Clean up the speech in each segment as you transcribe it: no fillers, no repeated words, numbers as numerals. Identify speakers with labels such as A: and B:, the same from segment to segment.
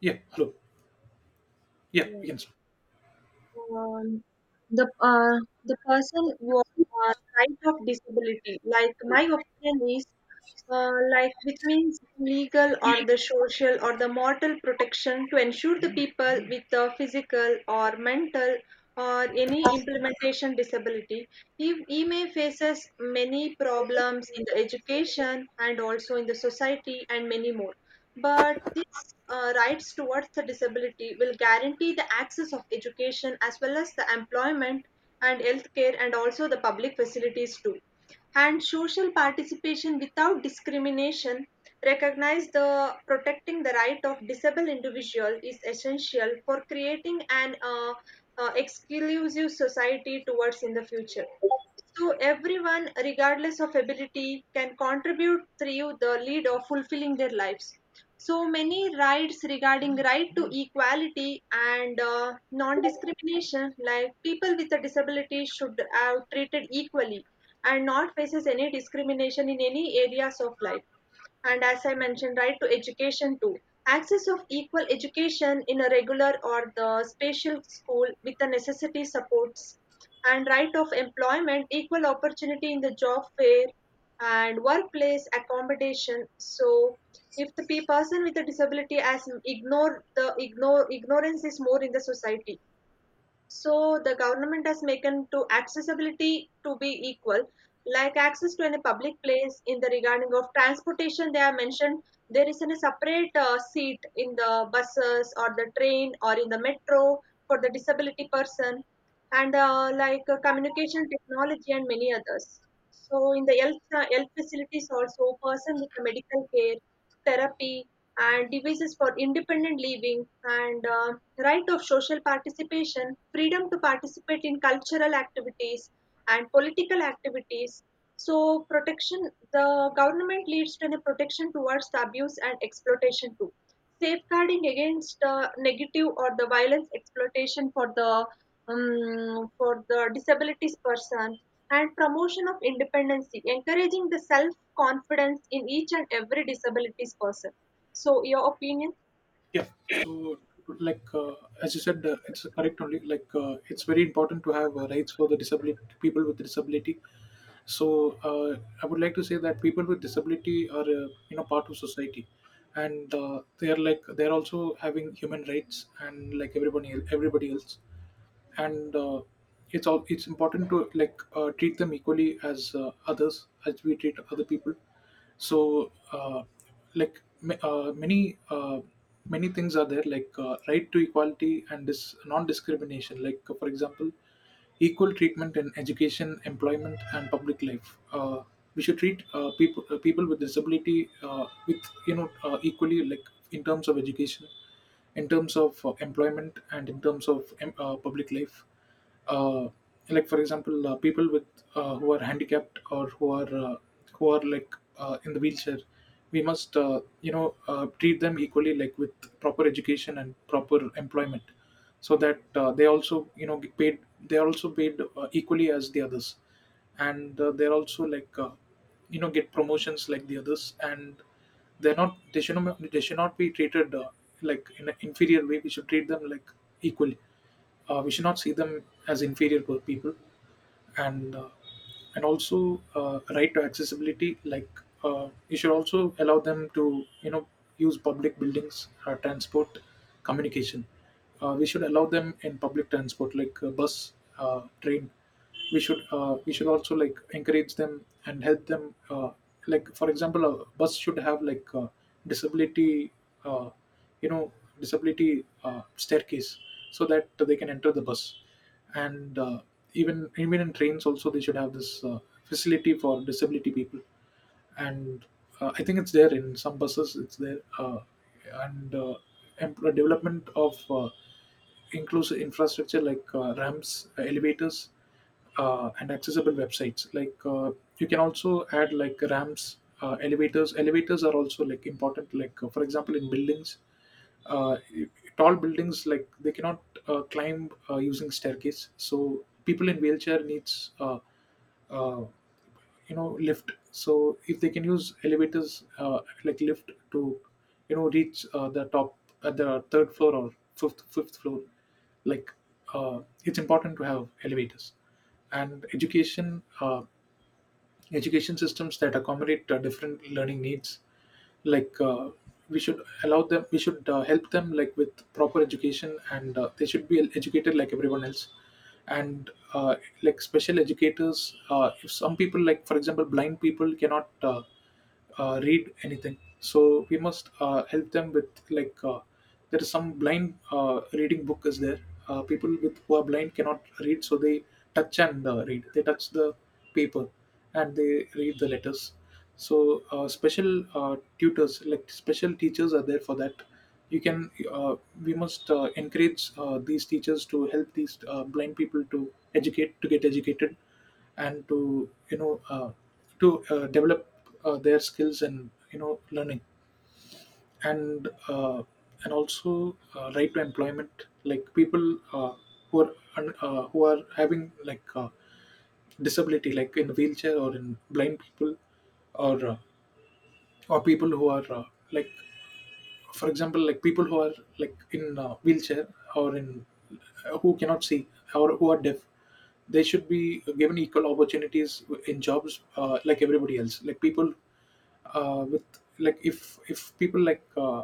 A: Yeah, hello. Yeah,
B: Yeah.
A: you can start.
B: Um, the uh, the person was right of disability. Like my opinion is, like which means legal or the social or the moral protection to ensure the people with the physical or mental or any implementation disability, he may faces many problems in the education and also in the society and many more. But these rights towards the disability will guarantee the access of education as well as the employment and healthcare and also the public facilities too and social participation without discrimination recognize the protecting the right of disabled individual is essential for creating an exclusive society towards in the future, so everyone, regardless of ability, can contribute through the lead of fulfilling their lives. So many rights regarding right to equality and non-discrimination, like people with a disability should have treated equally and not faces any discrimination in any areas of life, and as I mentioned, right to education too. Access of equal education in a regular or the special school with the necessity supports, and right of employment, equal opportunity in the job fair and workplace accommodation. So if the person with a disability as ignore the ignore ignorance is more in the society, so the government has making to accessibility to be equal, like access to any public place in the regarding of transportation. They have mentioned there is a separate seat in the buses or the train or in the metro for the disability person, and communication technology and many others. So in the health facilities also, person with the medical care, therapy, and devices for independent living, and right of social participation, freedom to participate in cultural activities and political activities. So, protection, the government leads to the protection towards the abuse and exploitation too. Safeguarding against negative or the violence exploitation for the disabilities person, and promotion of independency, encouraging the self confidence in each and every disabilities person. So, your opinion?
A: Yeah, so like uh, as you said, it's correct only. It's very important to have rights for the disability people with disability. So I would like to say that people with disability are part of society, and they are like they are also having human rights and like everybody else. And it's important to treat them equally as others as we treat other people. So like ma- uh, many uh, many things are there like right to equality and this non-discrimination, like for example equal treatment in education, employment and public life. We should treat people with disability with equally, like in terms of education, in terms of employment and in terms of public life. Uh, like for example, people with who are handicapped or who are like in the wheelchair, we must treat them equally, like with proper education and proper employment, so that they also get paid, they are also paid equally as the others, and they're also like get promotions like the others. And they should not be treated like in an inferior way. We should treat them like equally. We should not see them as inferior people. And and also right to accessibility, like you should also allow them to use public buildings, transport, communication. We should allow them in public transport like bus, train. We should we should also like encourage them and help them. Like for example, a bus should have like disability uh, you know disability staircase so that they can enter the bus. And even in trains also they should have this facility for disability people. And I think it's there in some buses. It's there. And uh, Development of inclusive infrastructure like ramps, elevators, and accessible websites. Like you can also add like ramps, elevators. Elevators are also like important. Like for example, in buildings, uh, tall buildings, like they cannot climb using staircase. So people in wheelchair needs uh, lift. So if they can use elevators, like lift to reach the top at the third floor or fifth floor, like uh, it's important to have elevators. And education, education systems that accommodate different learning needs, like we should help them like with proper education, and they should be educated like everyone else. And like special educators, if some people like for example blind people cannot read anything, so we must help them with, like there is some blind reading book is there. People with who are blind cannot read, so they touch and read, they touch the paper and they read the letters. So special tutors, like special teachers are there for that. You can We must encourage these teachers to help these blind people to educate to get educated and to you know uh, to develop their skills and learning. And and also right to employment, like people uh, who are who are having like disability, like in wheelchair or in blind people, or uh, or people who are like for example like people who are like in wheelchair or in who cannot see or who are deaf, they should be given equal opportunities in jobs, like everybody else, like people with, like if people like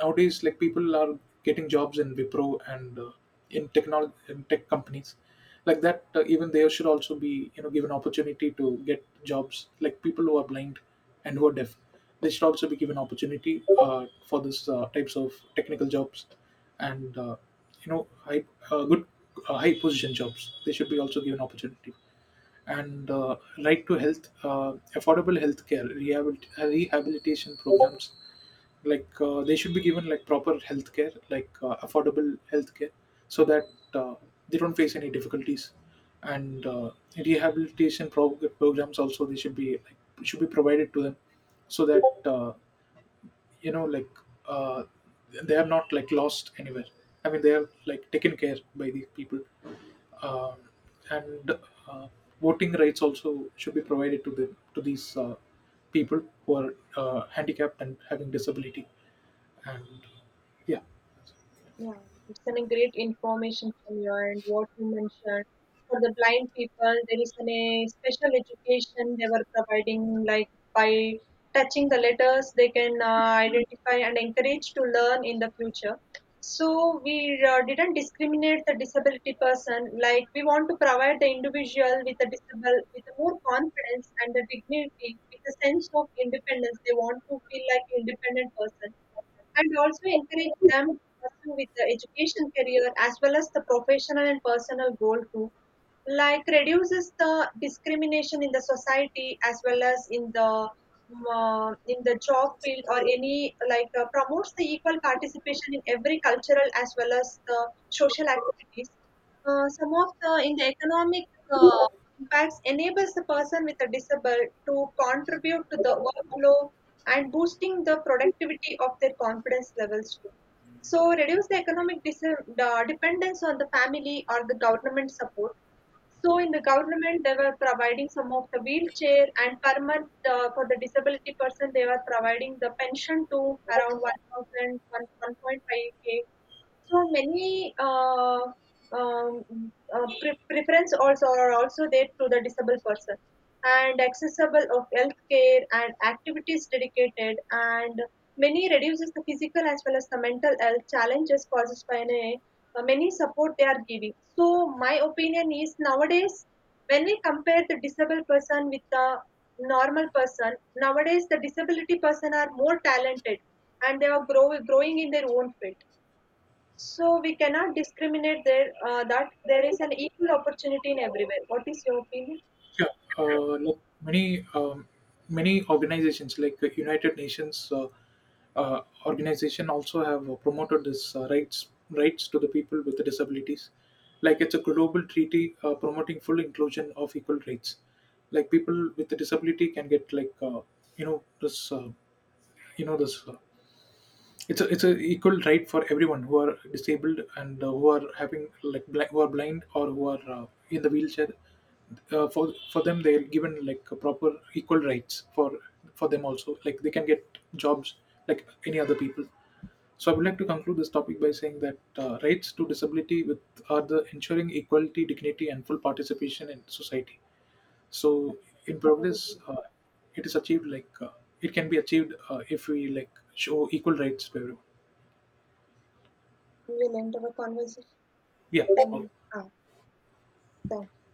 A: nowadays like people are getting jobs in Wipro and in technology, in tech companies, like that, even they should also be given opportunity to get jobs. Like people who are blind and who are deaf, they should also be given opportunity for this types of technical jobs. And high good high position jobs, they should be also given opportunity. And right to health, affordable healthcare, rehabilitation programs. Like they should be given like proper healthcare, like affordable healthcare, so that uh, they don't face any difficulties. And rehabilitation programs also they should be like, should be provided to them, so that like uh, they are not like lost anywhere, I mean they are like taken care by the people. Uh, and uh, Voting rights also should be provided to them, to these people who are handicapped and having disability. And yeah.
B: Yeah, it's an a great information from your end, what you mentioned. For the blind people, there is an, a special education they were providing, like by touching the letters, they can identify and encourage to learn in the future. So we didn't discriminate the disability person. Like we want to provide the individual with a disable with a more confidence and a dignity, with a sense of independence. They want to feel like independent person and also encourage them to pursue with the education career as well as the professional and personal goal too, like reduces the discrimination in the society as well as in the job field or any promotes the equal participation in every cultural as well as the social activities. Uh, some of the in the economic uh, impacts enables the person with a disability to contribute to the workflow and boosting the productivity of their confidence levels too, so reduce the economic the dependence on the family or the government support. So in the government, they were providing some of the wheelchair, and per month for the disability person, they were providing the pension to around 1,000, 1.5K. So many um, preference also are also there to the disabled person, and accessible of healthcare and activities dedicated, and many reduces the physical as well as the mental health challenges caused by many support they are giving. So my opinion is nowadays when we compare the disabled person with the normal person, nowadays the disability person are more talented and they are growing in their own field, so we cannot discriminate there that there is an equal opportunity in everywhere. What is your opinion?
A: Yeah, look, many many organizations like the United Nations organization also have promoted this rights to the people with disabilities. Like it's a global treaty promoting full inclusion of equal rights. Like people with a disability can get like you know this uh, you know this it's a equal right for everyone who are disabled and who are having like who are blind or who are in the wheelchair. For them, they're given like a proper equal rights. For them also, like they can get jobs like any other people. So I would like to conclude this topic by saying that rights to disability with are the ensuring equality, dignity and full participation in society. So in
B: Okay.
A: progress, it is achieved like it can be achieved if we like show equal rights to everyone.
B: We will end our conversation.
A: Yeah, okay.
B: Ah, thank